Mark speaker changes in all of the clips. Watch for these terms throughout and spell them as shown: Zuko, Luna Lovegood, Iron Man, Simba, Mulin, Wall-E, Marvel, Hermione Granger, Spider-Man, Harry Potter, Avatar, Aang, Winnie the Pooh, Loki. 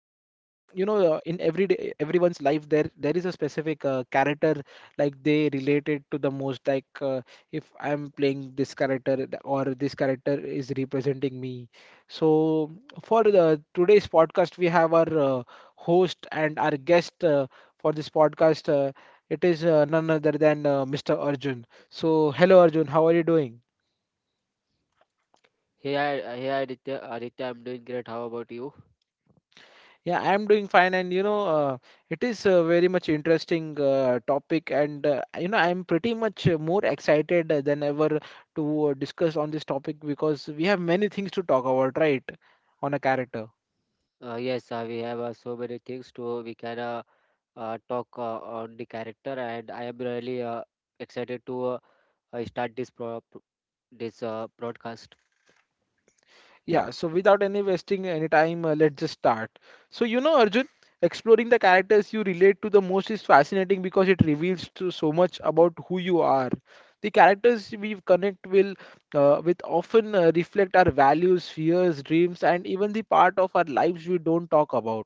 Speaker 1: in every day, everyone's life, there is a specific character like they related to the most. Like if I'm playing this character, or this character is representing me. So for the today's podcast, we have our host and our guest for this podcast. It is none other than Mr. Arjun. So hello, Arjun. How are you doing?
Speaker 2: Hey, hey, Aditya, I'm doing great. How about you?
Speaker 1: Yeah, I'm doing fine, and it is a very much interesting topic, and I'm pretty much more excited than ever to discuss on this topic because we have many things to talk about, right, on a character.
Speaker 2: Yes, we have so many things to we can talk on the character, and I am really excited to start this broadcast.
Speaker 1: Yeah, so without any wasting any time, let's just start. So, you know, Arjun, exploring the characters you relate to the most is fascinating because it reveals to so much about who you are. The characters we connect will with often reflect our values, fears, dreams, and even the part of our lives we don't talk about.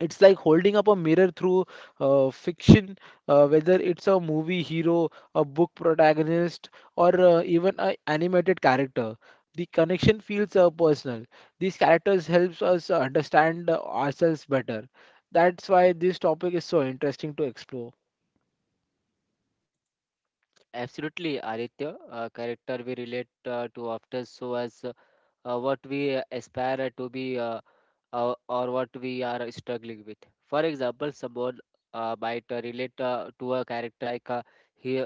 Speaker 1: It's like holding up a mirror through fiction, whether it's a movie hero, a book protagonist, or even an animated character. The connection feels personal. These characters helps us understand ourselves better. That's why this topic is so interesting to explore.
Speaker 2: Absolutely, Aditya, character we relate to often so as what we aspire to be or what we are struggling with. For example, someone might relate to a character like he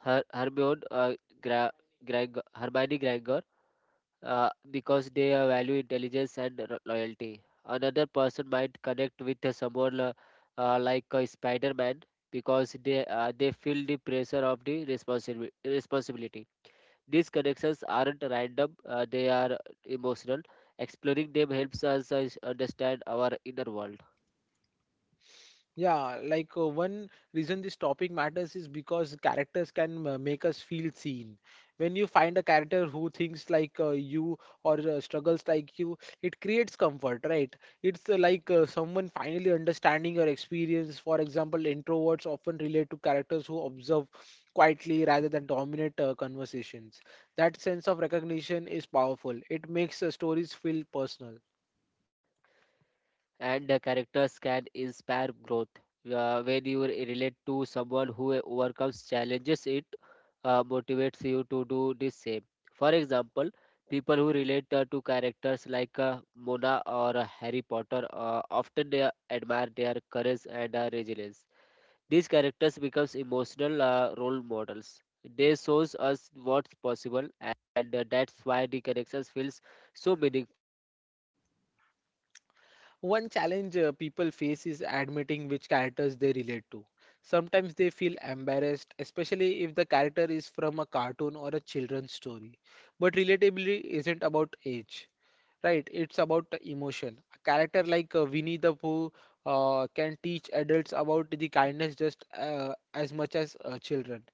Speaker 2: Her Hermione Gra Hermione Granger, because they value intelligence and loyalty. Another person might connect with someone like Spider-Man because they feel the pressure of the responsibility. These connections aren't random; they are emotional. Exploring them helps us understand our inner world.
Speaker 1: Yeah, like one reason this topic matters is because characters can make us feel seen. When you find a character who thinks like you or struggles like you, it creates comfort, right? It's like someone finally understanding your experience. For example, introverts often relate to characters who observe quietly rather than dominate conversations. That sense of recognition is powerful. It makes stories feel personal.
Speaker 2: And the characters can inspire growth. When you relate to someone who overcomes challenges, it motivates you to do the same. For example, people who relate to characters like Mona or Harry Potter often they admire their courage and resilience. These characters become emotional role models. They shows us what's possible, and that's why the connections feels so meaningful.
Speaker 1: One challenge people face is admitting which characters they relate to. Sometimes they feel embarrassed, especially if the character is from a cartoon or a children's story. But relatability isn't about age, right? It's about the emotion. A character like Winnie the Pooh can teach adults about the kindness just as much as children.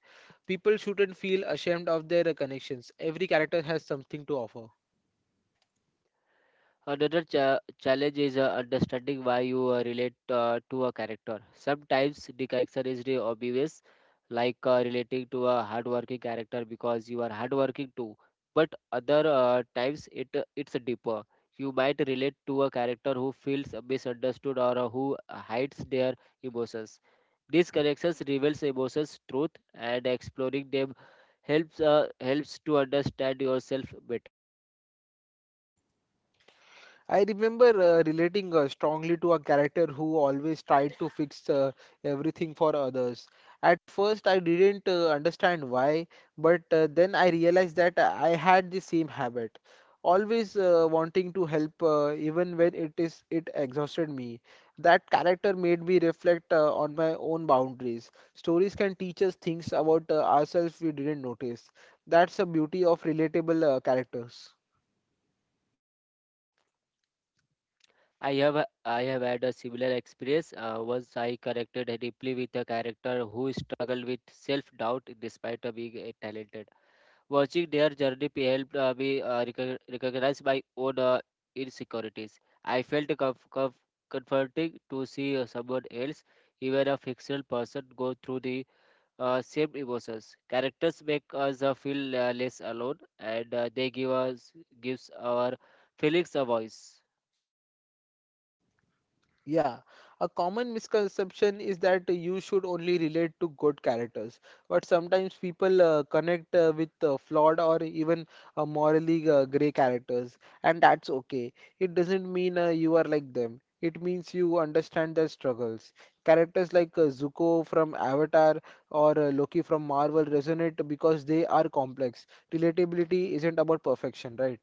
Speaker 1: People shouldn't feel ashamed of their connections. Every character has something to offer.
Speaker 2: Another challenge is understanding why you relate to a character. Sometimes the character is the obvious, like relating to a hardworking character because you are hardworking too. But other times it's deeper. You might relate to a character who feels misunderstood or who hides their emotions. These connections reveals emotions, truth, and exploring them helps to understand yourself better.
Speaker 1: I remember relating strongly to a character who always tried to fix everything for others. At first, I didn't understand why, but then I realized that I had the same habit, always wanting to help, even when it exhausted me. That character made me reflect on my own boundaries. Stories can teach us things about ourselves we didn't notice. That's the beauty of relatable characters.
Speaker 2: I have had a similar experience. Once I connected deeply with a character who struggled with self-doubt despite being talented. Watching their journey helped me recognize my own insecurities. I felt comforting to see someone else, even a fictional person, go through the same emotions. Characters make us feel less alone, and they gives our feelings a voice.
Speaker 1: Yeah, a common misconception is that you should only relate to good characters, but sometimes people connect with flawed or even morally gray characters, and that's okay. It doesn't mean you are like them. It means you understand their struggles. Characters like Zuko from Avatar or Loki from Marvel resonate because they are complex. Relatability isn't about perfection, right?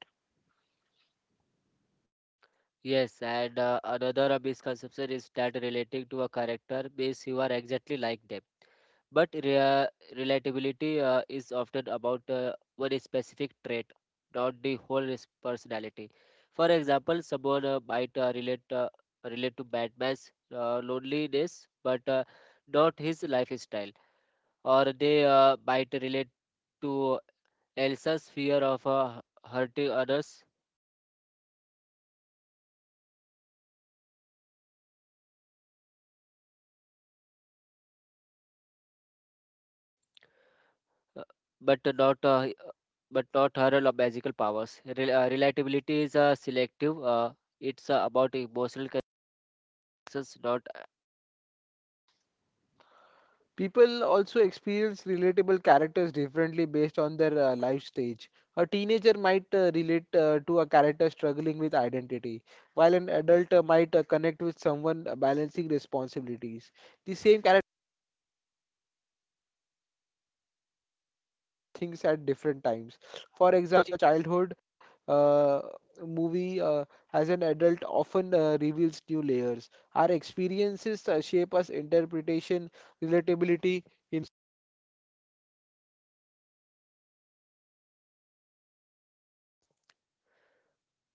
Speaker 2: Yes, and another misconception is that relating to a character means you are exactly like them. But relatability is often about one specific trait, not the whole personality. For example, someone might relate to Batman's loneliness, but not his lifestyle, or they might relate to Elsa's fear of hurting others, uh, but not uh, but not her magical powers. Relatability is selective. It's about emotional connections, not
Speaker 1: People also experience relatable characters differently based on their life stage. A teenager might relate to a character struggling with identity, while an adult might connect with someone balancing responsibilities. The same character thinks at different times. For example, a childhood uh, movie as an adult often reveals new layers. Our experiences shape us interpretation, relatability,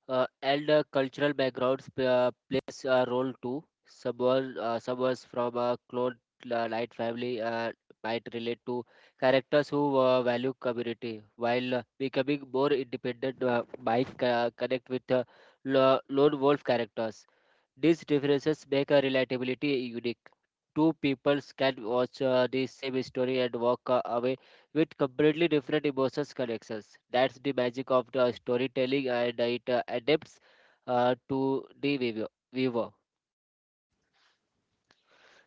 Speaker 2: and cultural backgrounds plays a role too. Someone from a clone light family might relate to characters who value community while becoming more independent. Might connect with lone wolf characters. These differences make a relatability unique. Two peoples can watch the same story and walk away with completely different emotions connections. That's the magic of the storytelling, and it adapts to the viewer.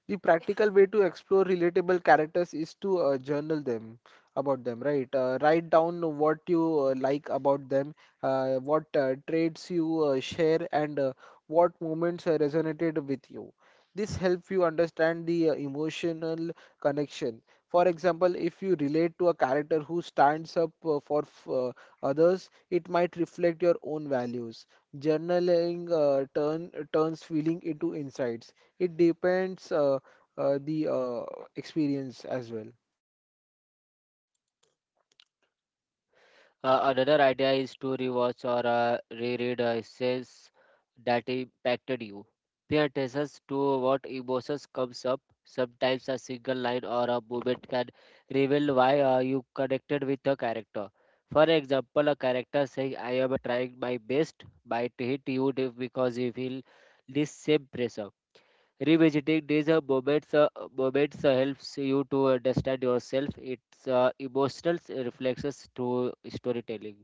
Speaker 1: the practical way to explore relatable characters is to journal them about them, right, write down what you like about them, what traits you share, and what moments resonated with you. This helps you understand the emotional connection. For example, if you relate to a character who stands up others, it might reflect your own values. Journaling turns feeling into insights. It depends the experience as well.
Speaker 2: Another idea is to rewatch or reread essays that impacted you. Pay attention to what emotions comes up. Sometimes a single line or a moment can reveal why you connected with a character. For example, a character saying "I am trying my best" might hit you because you feel this same pressure. Revisiting these moments helps you to understand yourself. It's emotional reflexes through storytelling.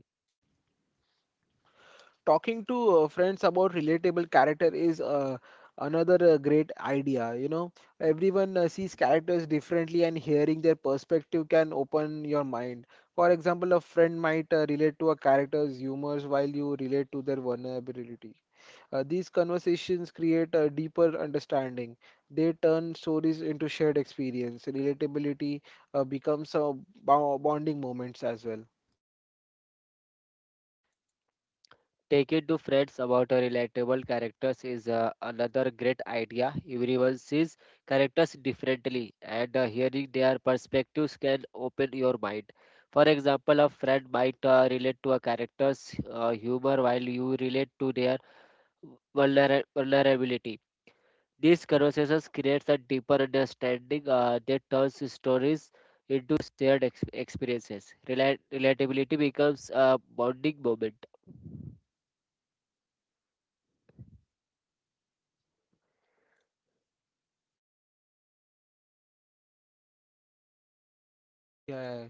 Speaker 1: Talking to friends about relatable character is another great idea. You know, everyone sees characters differently, and hearing their perspective can open your mind. For example, a friend might relate to a character's humors while you relate to their vulnerability. These conversations create a deeper understanding. They turn stories into shared experience. Relatability becomes a bonding moments as well.
Speaker 2: Taking to friends about relatable characters is another great idea. Everyone sees characters differently, and hearing their perspectives can open your mind. For example, a friend might relate to a character's humor while you relate to their vulnerability. These conversations creates a deeper understanding that turns stories into shared experiences. Relatability becomes a bonding moment.
Speaker 1: Yeah.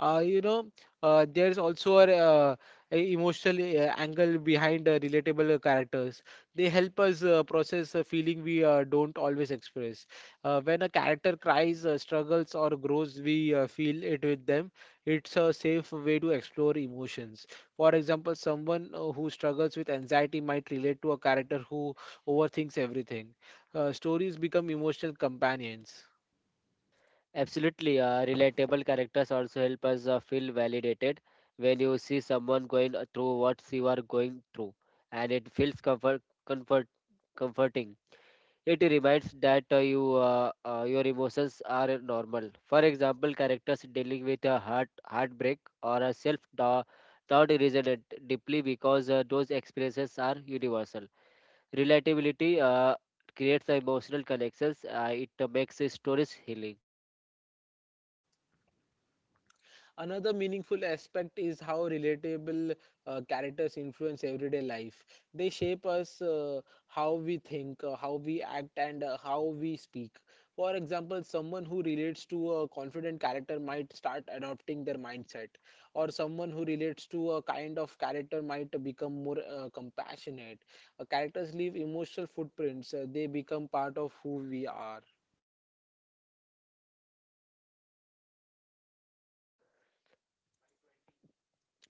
Speaker 1: uh, you know there is also a emotional angle behind relatable characters. They help us process a feeling we don't always express. When a character cries, struggles, or grows, we feel it with them. It's a safe way to explore emotions. For example, someone who struggles with anxiety might relate to a character who overthinks everything. Stories become emotional companions.
Speaker 2: Absolutely, relatable characters also help us feel validated when you see someone going through what you are going through, and it feels comforting. It reminds that your emotions are normal. For example, characters dealing with a heartbreak or a self doubt resonate deeply because those experiences are universal. Relatability creates emotional connections. It makes stories healing.
Speaker 1: Another meaningful aspect is how relatable characters influence everyday life. They shape us how we think, how we act, and how we speak. For example, someone who relates to a confident character might start adopting their mindset, or someone who relates to a kind of character might become more compassionate. Characters leave emotional footprints, they become part of who we are.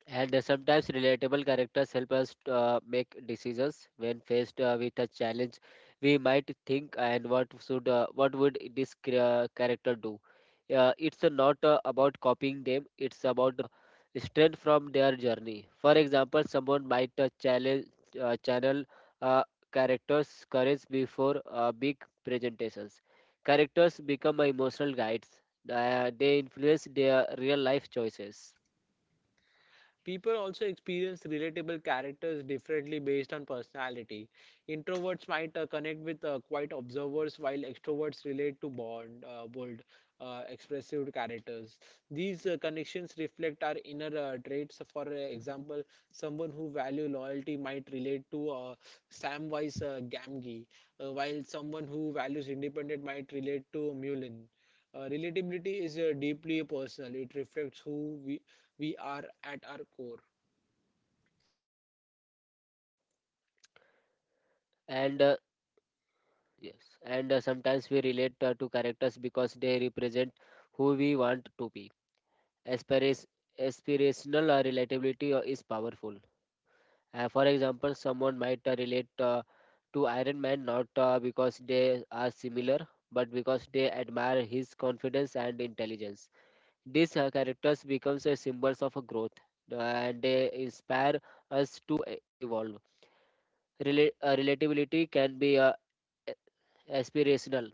Speaker 2: And sometimes relatable characters help us to, make decisions when faced with a challenge. We might think, and what would this character do? It's not about copying them. It's about strength from their journey. For example, someone might channel uh, characters' courage before big presentations. Characters become emotional guides. They influence their real life choices
Speaker 1: People also experience relatable characters differently based on personality. Introverts might connect with quiet observers, while extroverts relate to bold, expressive characters. These connections reflect our inner traits. For example, someone who value loyalty might relate to Samwise Gamgee, while someone who values independence might relate to Mulin. Relatability is deeply personal. It reflects who we are at our core.
Speaker 2: and Yes, and sometimes we relate to characters because they represent who we want to be. Aspiras- Aspirational relatability is powerful. For example, someone might relate to Iron Man not because they are similar, but because they admire his confidence and intelligence. These characters become a symbols of a growth, and they inspire us to evolve. Relatability can be aspirational.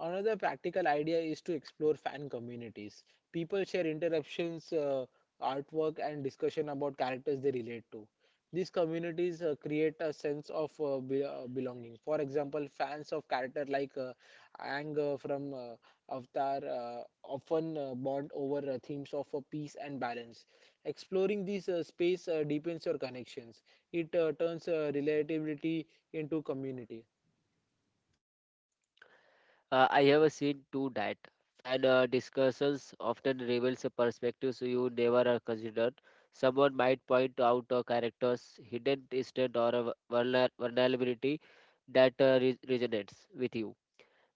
Speaker 1: Another practical idea is to explore fan communities. People share interruptions, artwork, and discussion about characters they relate to. These communities create a sense of belonging. For example, fans of character like Aang from Avatar often bond over themes of peace and balance. Exploring this space deepens your connections. It turns relatability into community.
Speaker 2: I have seen too that fan discussions often reveals a perspectives you never are considered. Someone might point out a character's hidden strength or a vulnerability that resonates with you.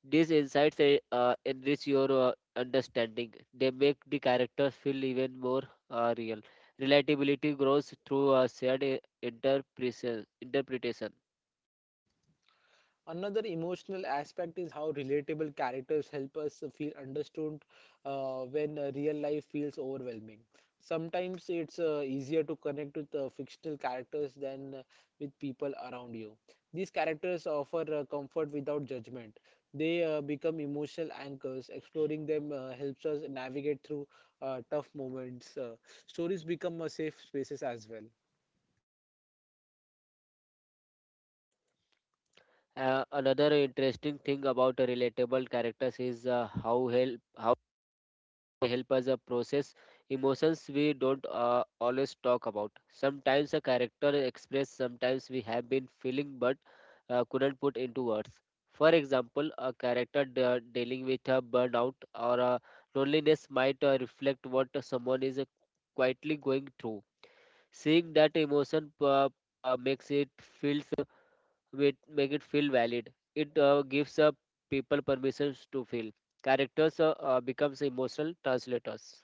Speaker 2: These insights enrich your understanding. They make the characters feel even more real. Relatability grows through a shared interpretation.
Speaker 1: Another emotional aspect is how relatable characters help us feel understood when real life feels overwhelming. Sometimes it's easier to connect with fictional characters than with people around you. These characters offer comfort without judgment. They become emotional anchors. Exploring them helps us navigate through tough moments. Stories become safe spaces as well.
Speaker 2: Another interesting thing about a relatable characters is how they help us process emotions we don't always talk about. Sometimes a character express sometimes we have been feeling but couldn't put into words. For example, a character dealing with a burnout or a loneliness might reflect what someone is quietly going through. Seeing that emotion uh, makes it feel make it feel valid. It gives people permissions to feel. Characters becomes emotional translators.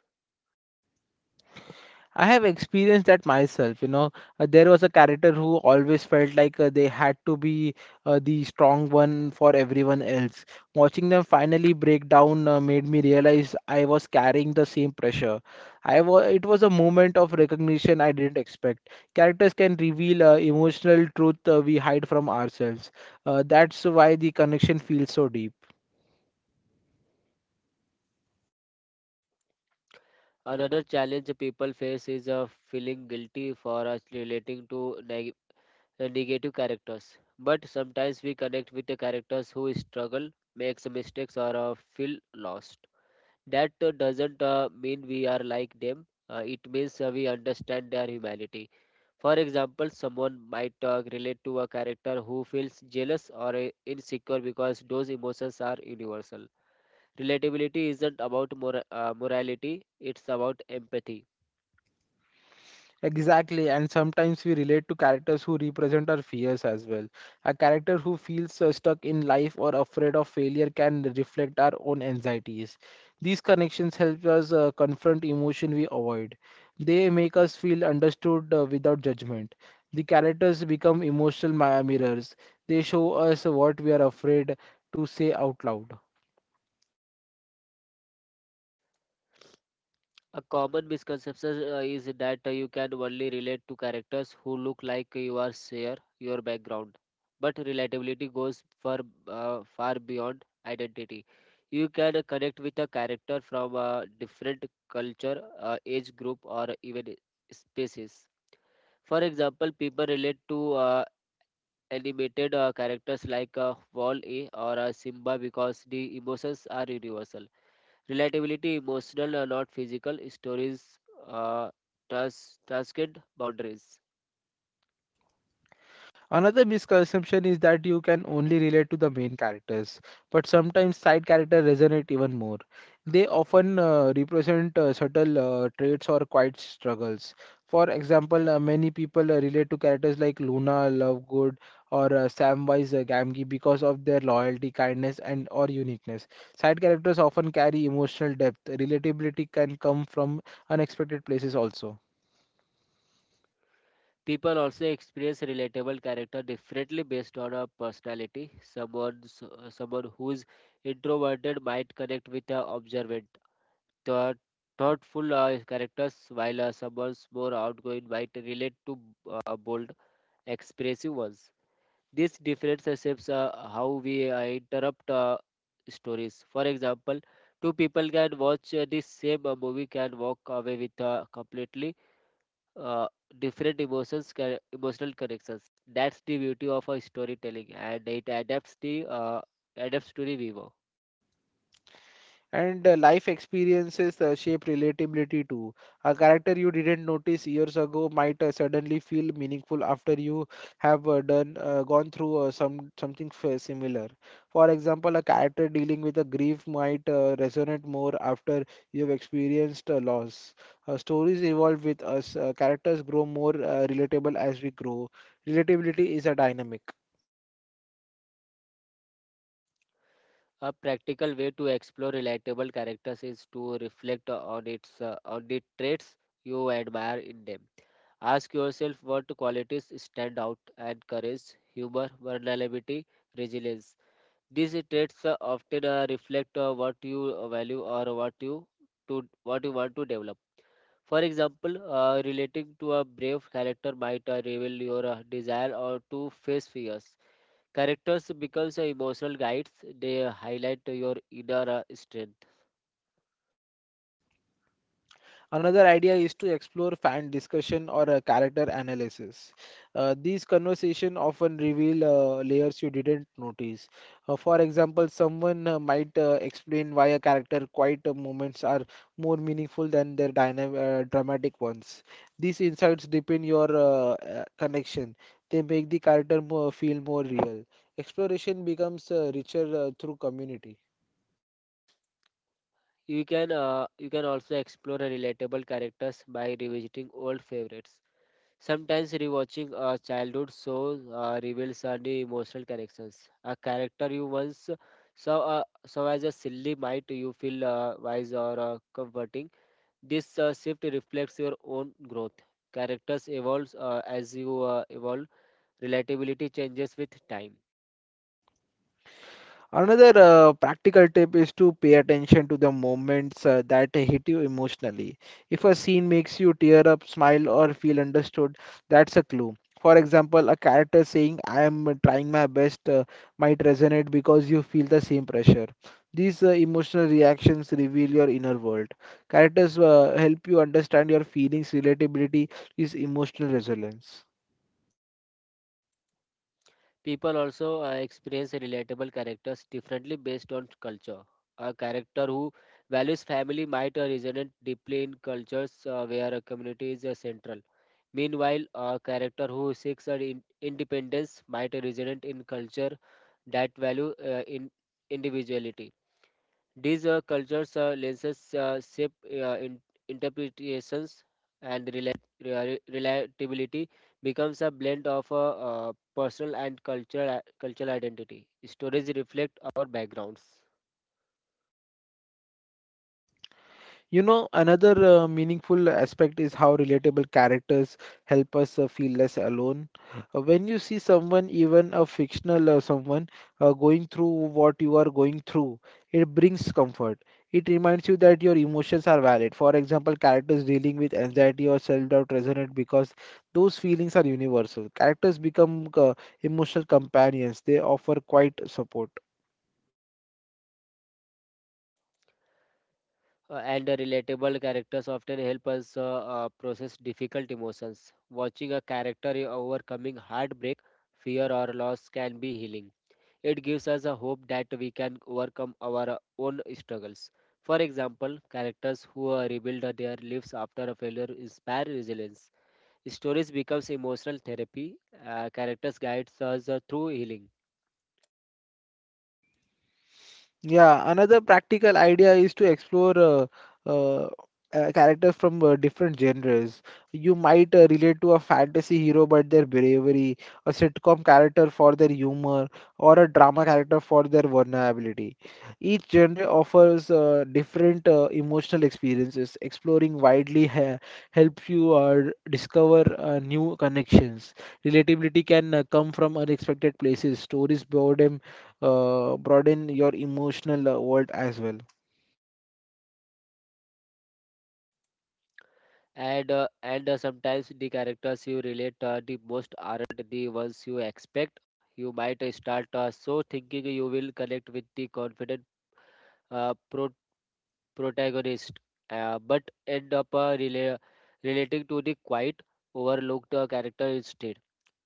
Speaker 1: I have experienced that myself. You know, there was a character who always felt like they had to be the strong one for everyone else. Watching them finally break down made me realize I was carrying the same pressure. I wa It was a moment of recognition I didn't expect. Characters can reveal emotional truth we hide from ourselves. That's why the connection feels so deep.
Speaker 2: Another challenge people face is feeling guilty for us relating to negative characters. But sometimes we connect with the characters who struggle, makes mistakes, or feel lost. That doesn't mean we are like them. It means we understand their humanity. For example, someone might relate to a character who feels jealous or insecure because those emotions are universal. Relatability isn't about morality; it's about empathy.
Speaker 1: Exactly, and sometimes we relate to characters who represent our fears as well. A character who feels stuck in life or afraid of failure can reflect our own anxieties. These connections help us confront emotion we avoid. They make us feel understood without judgment. The characters become emotional mirrors. They show us what we are afraid to say out loud.
Speaker 2: A common misconception is that you can only relate to characters who look like you are share your background. But relatability goes far, far beyond identity. You can connect with a character from a different culture, age group, or even species. For example, people relate to animated characters like Wall-E or Simba because the emotions are universal. Relatability, emotional, not physical. Stories uh, tasked boundaries.
Speaker 1: Another misconception is that you can only relate to the main characters, but sometimes side characters resonate even more. They often represent subtle traits or quiet struggles. For example, many people relate to characters like Luna, Lovegood, or Samwise Gamgee because of their loyalty, kindness, and or uniqueness. Side characters often carry emotional depth. Relatability can come from unexpected places also.
Speaker 2: People also experience relatable character differently based on a personality. Someone who's introverted might connect with a observant, thought, thoughtful characters, while someone's more outgoing might relate to bold, expressive ones. These difference shapes how we interrupt stories. For example, two people can watch this same movie can walk away with completely uh, different emotions, emotional connections. That's the beauty of a storytelling, and it adapts to the viewer.
Speaker 1: And life experiences shape relatability too. A character you didn't notice years ago might suddenly feel meaningful after you have done gone through something similar. For example, a character dealing with a grief might resonate more after you've experienced a loss. Stories evolve with us. Characters grow more relatable as we grow. Relatability is a dynamic.
Speaker 2: A practical way to explore relatable characters is to reflect on the traits you admire in them. Ask yourself what qualities stand out and courage, humor, vulnerability, resilience. These traits often reflect what you value or what you want to develop. For example, relating to a brave character might reveal your desire or to face fears. Characters becomes emotional guides. They highlight your inner strength.
Speaker 1: Another idea is to explore fan discussion or a character analysis. These conversations often reveal layers you didn't notice. For example, someone might explain why a character quiet moments are more meaningful than their dynam dramatic ones. These insights deepen your connection. They make the character feel more real. Exploration becomes richer through community.
Speaker 2: You can also explore relatable characters by revisiting old favorites. Sometimes rewatching a childhood show reveals a new emotional connections. A character you once saw as a silly might you feel wise or comforting. This shift reflects your own growth. Characters evolve as you evolve. Relatability changes with time.
Speaker 1: Another practical tip is to pay attention to the moments that hit you emotionally. If a scene makes you tear up, smile, or feel understood, that's a clue. For example, a character saying, "I am trying my best," might resonate because you feel the same pressure. These emotional reactions reveal your inner world. Characters help you understand your feelings, relatability is emotional resilience.
Speaker 2: People also experience relatable characters differently based on culture. A character who values family might resonate deeply in cultures where a community is central. Meanwhile, a character who seeks independence might resonate in culture that value in individuality. These cultures lenses shape interpretations and relatability becomes a blend of personal and cultural identity. Stories reflect our backgrounds.
Speaker 1: Another meaningful aspect is how relatable characters help us feel less alone. When you see someone, even a fictional someone, going through what you are going through, it brings comfort. It reminds you that your emotions are valid. For example, characters dealing with anxiety or self-doubt resonate because those feelings are universal. Characters become emotional companions. They offer quite support.
Speaker 2: And the relatable characters often help us process difficult emotions. Watching a character overcoming heartbreak, fear, or loss can be healing. It gives us a hope that we can overcome our own struggles. For example, characters who rebuild their lives after a failure inspire resilience. Stories becomes emotional therapy. Characters guides us through healing.
Speaker 1: Yeah, another practical idea is to explore uh, characters from different genres. You might relate to a fantasy hero but their bravery, a sitcom character for their humor, or a drama character for their vulnerability. Each genre offers different emotional experiences. Exploring widely ha helps you discover new connections. Relatability can come from unexpected places. Stories, boredom, broaden your emotional world as well.
Speaker 2: And sometimes the characters you relate the most aren't the ones you expect. You might start so thinking you will connect with the confident uh, protagonist, but end up relating to the quite overlooked character instead.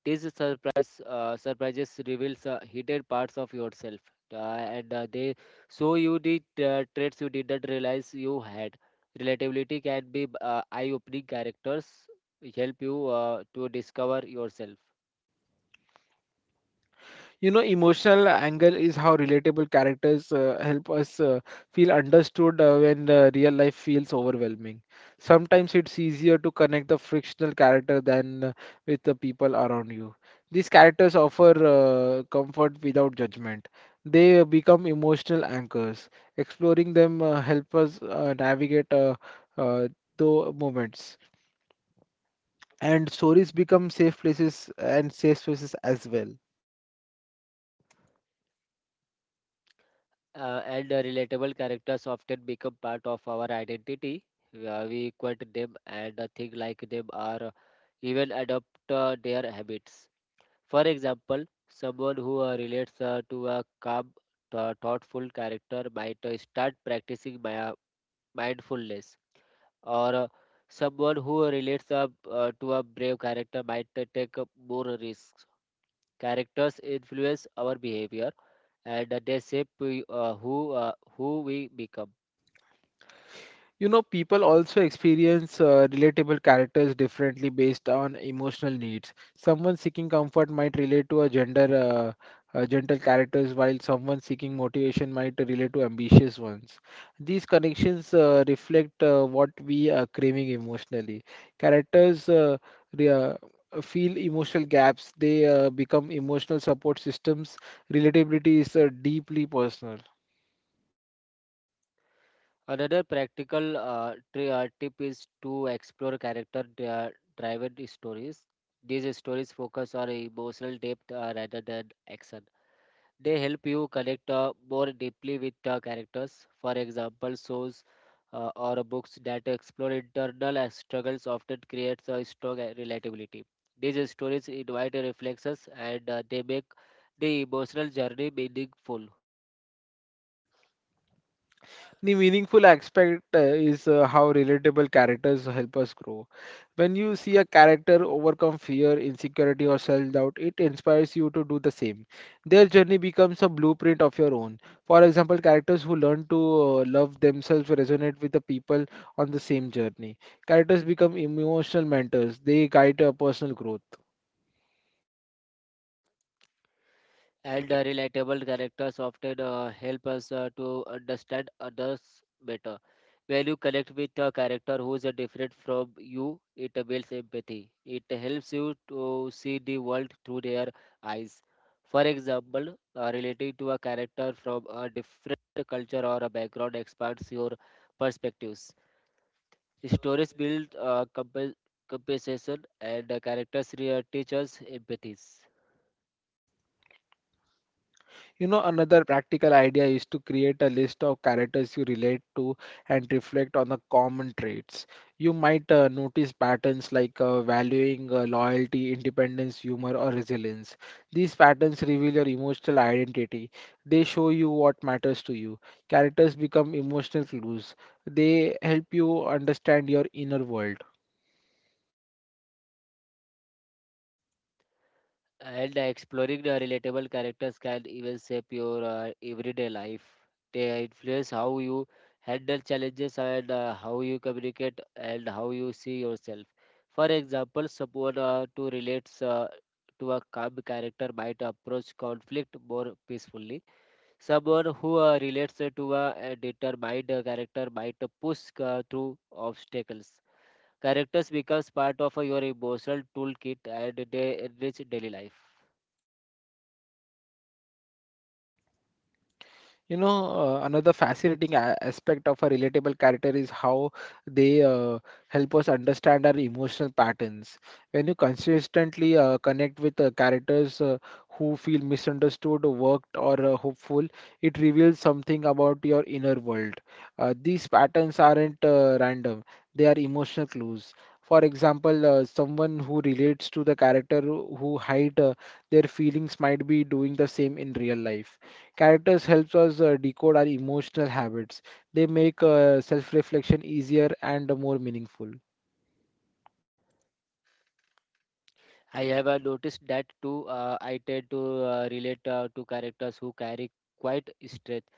Speaker 2: These surprises reveals hidden parts of yourself, and they show you the traits you didn't realize you had. Relatability can be eye-opening characters help you to discover yourself.
Speaker 1: Emotional angle is how relatable characters help us feel understood when real life feels overwhelming. Sometimes it's easier to connect the frictional character than with the people around you. These characters offer comfort without judgment. They become emotional anchors. Exploring them help us navigate uh, the moments, and stories become safe places and safe spaces as well.
Speaker 2: And relatable characters often become part of our identity. We quote them and think like them or even adopt their habits. For example, someone who relates to a calm, thoughtful character might start practicing my, mindfulness, or someone who relates to a brave character might take up more risks. Characters influence our behavior and they shape who we become.
Speaker 1: You know, people also experience relatable characters differently based on emotional needs. Someone seeking comfort might relate to a gentle characters, while someone seeking motivation might relate to ambitious ones. These connections reflect what we are craving emotionally. Characters re- uh, feel emotional gaps. They become emotional support systems. Relatability is deeply personal.
Speaker 2: Another practical tip is to explore character driven stories. These stories focus on emotional depth rather than action. They help you connect more deeply with the characters. For example, shows or books that explore internal struggles often creates a strong relatability. These stories invite reflections and they make the emotional journey meaningful.
Speaker 1: The meaningful aspect is how relatable characters help us grow. When you see a character overcome fear, insecurity, or self doubt, it inspires you to do the same. Their journey becomes a blueprint of your own. For example, characters who learn to love themselves resonate with the people on the same journey. Characters become emotional mentors, they guide personal growth.
Speaker 2: And relatable characters often help us to understand others better. When you connect with a character who is different from you, it builds empathy. It helps you to see the world through their eyes. For example, relating to a character from a different culture or a background expands your perspectives. Stories build compensation, and characters teach us empathies.
Speaker 1: You know, another practical idea is to create a list of characters you relate to and reflect on the common traits. You might notice patterns like valuing loyalty, independence, humor, or resilience. These patterns reveal your emotional identity. They show you what matters to you. Characters become emotional clues. They help you understand your inner world.
Speaker 2: And exploring the relatable characters can even shape your everyday life. They influence how you handle challenges and how you communicate and how you see yourself. For example, someone who relates to a calm character might approach conflict more peacefully. Someone who relates to a, determined character might push through obstacles. Characters becomes part of your emotional toolkit and they enrich daily life.
Speaker 1: Another fascinating aspect of a relatable character is how they help us understand our emotional patterns. When you consistently connect with characters who feel misunderstood, worked, or hopeful, it reveals something about your inner world. These patterns aren't random, they are emotional clues. For example, someone who relates to the character who hide their feelings might be doing the same in real life. Characters helps us decode our emotional habits. They make self-reflection easier and more meaningful.
Speaker 2: I have noticed that too. I tend to relate to characters who carry quite strength.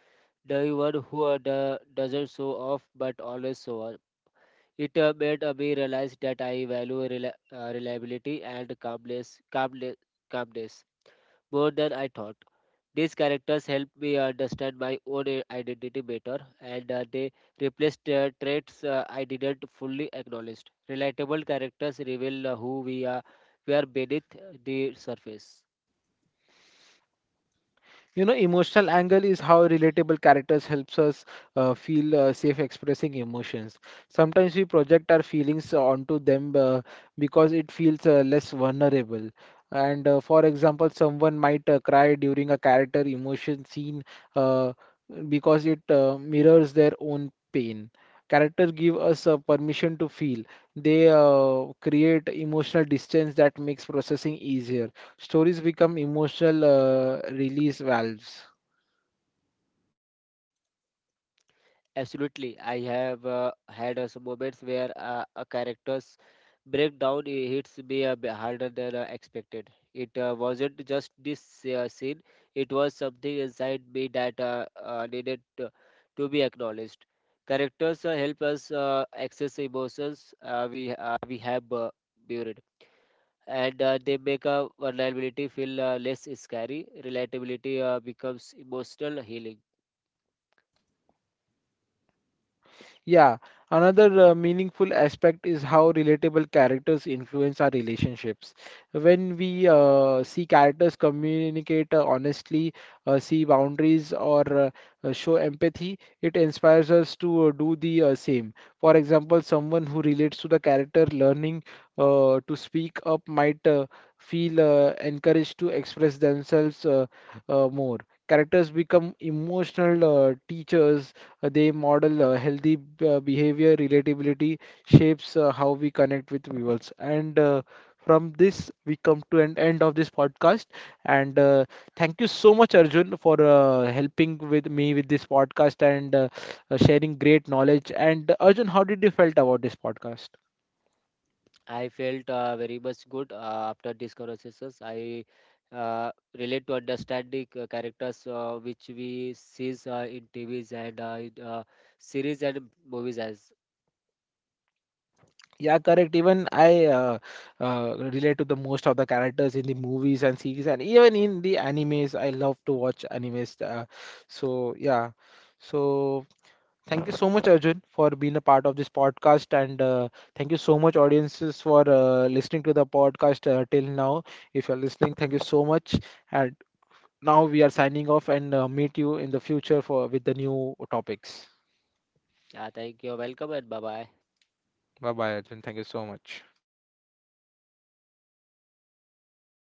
Speaker 2: The one who doesn't show off but always shows. It made me realize that I value reliability and calmness more than I thought. These characters helped me understand my own identity better, and they replaced traits I didn't fully acknowledge. Relatable characters reveal who we are beneath the surface.
Speaker 1: You know, emotional angle is how relatable characters helps us feel safe expressing emotions. Sometimes we project our feelings onto them because it feels less vulnerable, and for example, someone might cry during a character emotion scene uh, because it mirrors their own pain. Characters give us permission to feel. They create emotional distance that makes processing easier. Stories become emotional release valves.
Speaker 2: Absolutely, I have had some moments where a character's breakdown hits me a bit harder than expected. It wasn't just this scene; it was something inside me that needed to be acknowledged. Characters help us access emotions uh, we have buried, and they make our vulnerability feel less scary. Relatability becomes emotional healing.
Speaker 1: Yeah, another meaningful aspect is how relatable characters influence our relationships. When we see characters communicate honestly, see boundaries, or show empathy, it inspires us to do the same. For example, someone who relates to the character learning to speak up might feel encouraged to express themselves more. Characters become emotional teachers. Uh, They model healthy behavior, relatability shapes how we connect with viewers. And from this, we come to an end of this podcast. And Thank you so much, Arjun, for helping with me with this podcast, and sharing great knowledge. And Arjun, how did you felt about this podcast?
Speaker 2: I felt very much good after these conversations. I uh, relate to understanding characters which we sees in TVs and in series and movies as.
Speaker 1: Yeah, correct. Even I relate to the most of the characters in the movies and series, and even in the animes. I love to watch animes. So yeah, so thank you so much, Arjun, for being a part of this podcast, and thank you so much, audiences, for listening to the podcast till now. If you're listening, thank you so much. And now we are signing off, and meet you in the future for with the new topics.
Speaker 2: Thank you. Welcome and bye bye.
Speaker 1: Bye bye, Arjun. Thank you so much.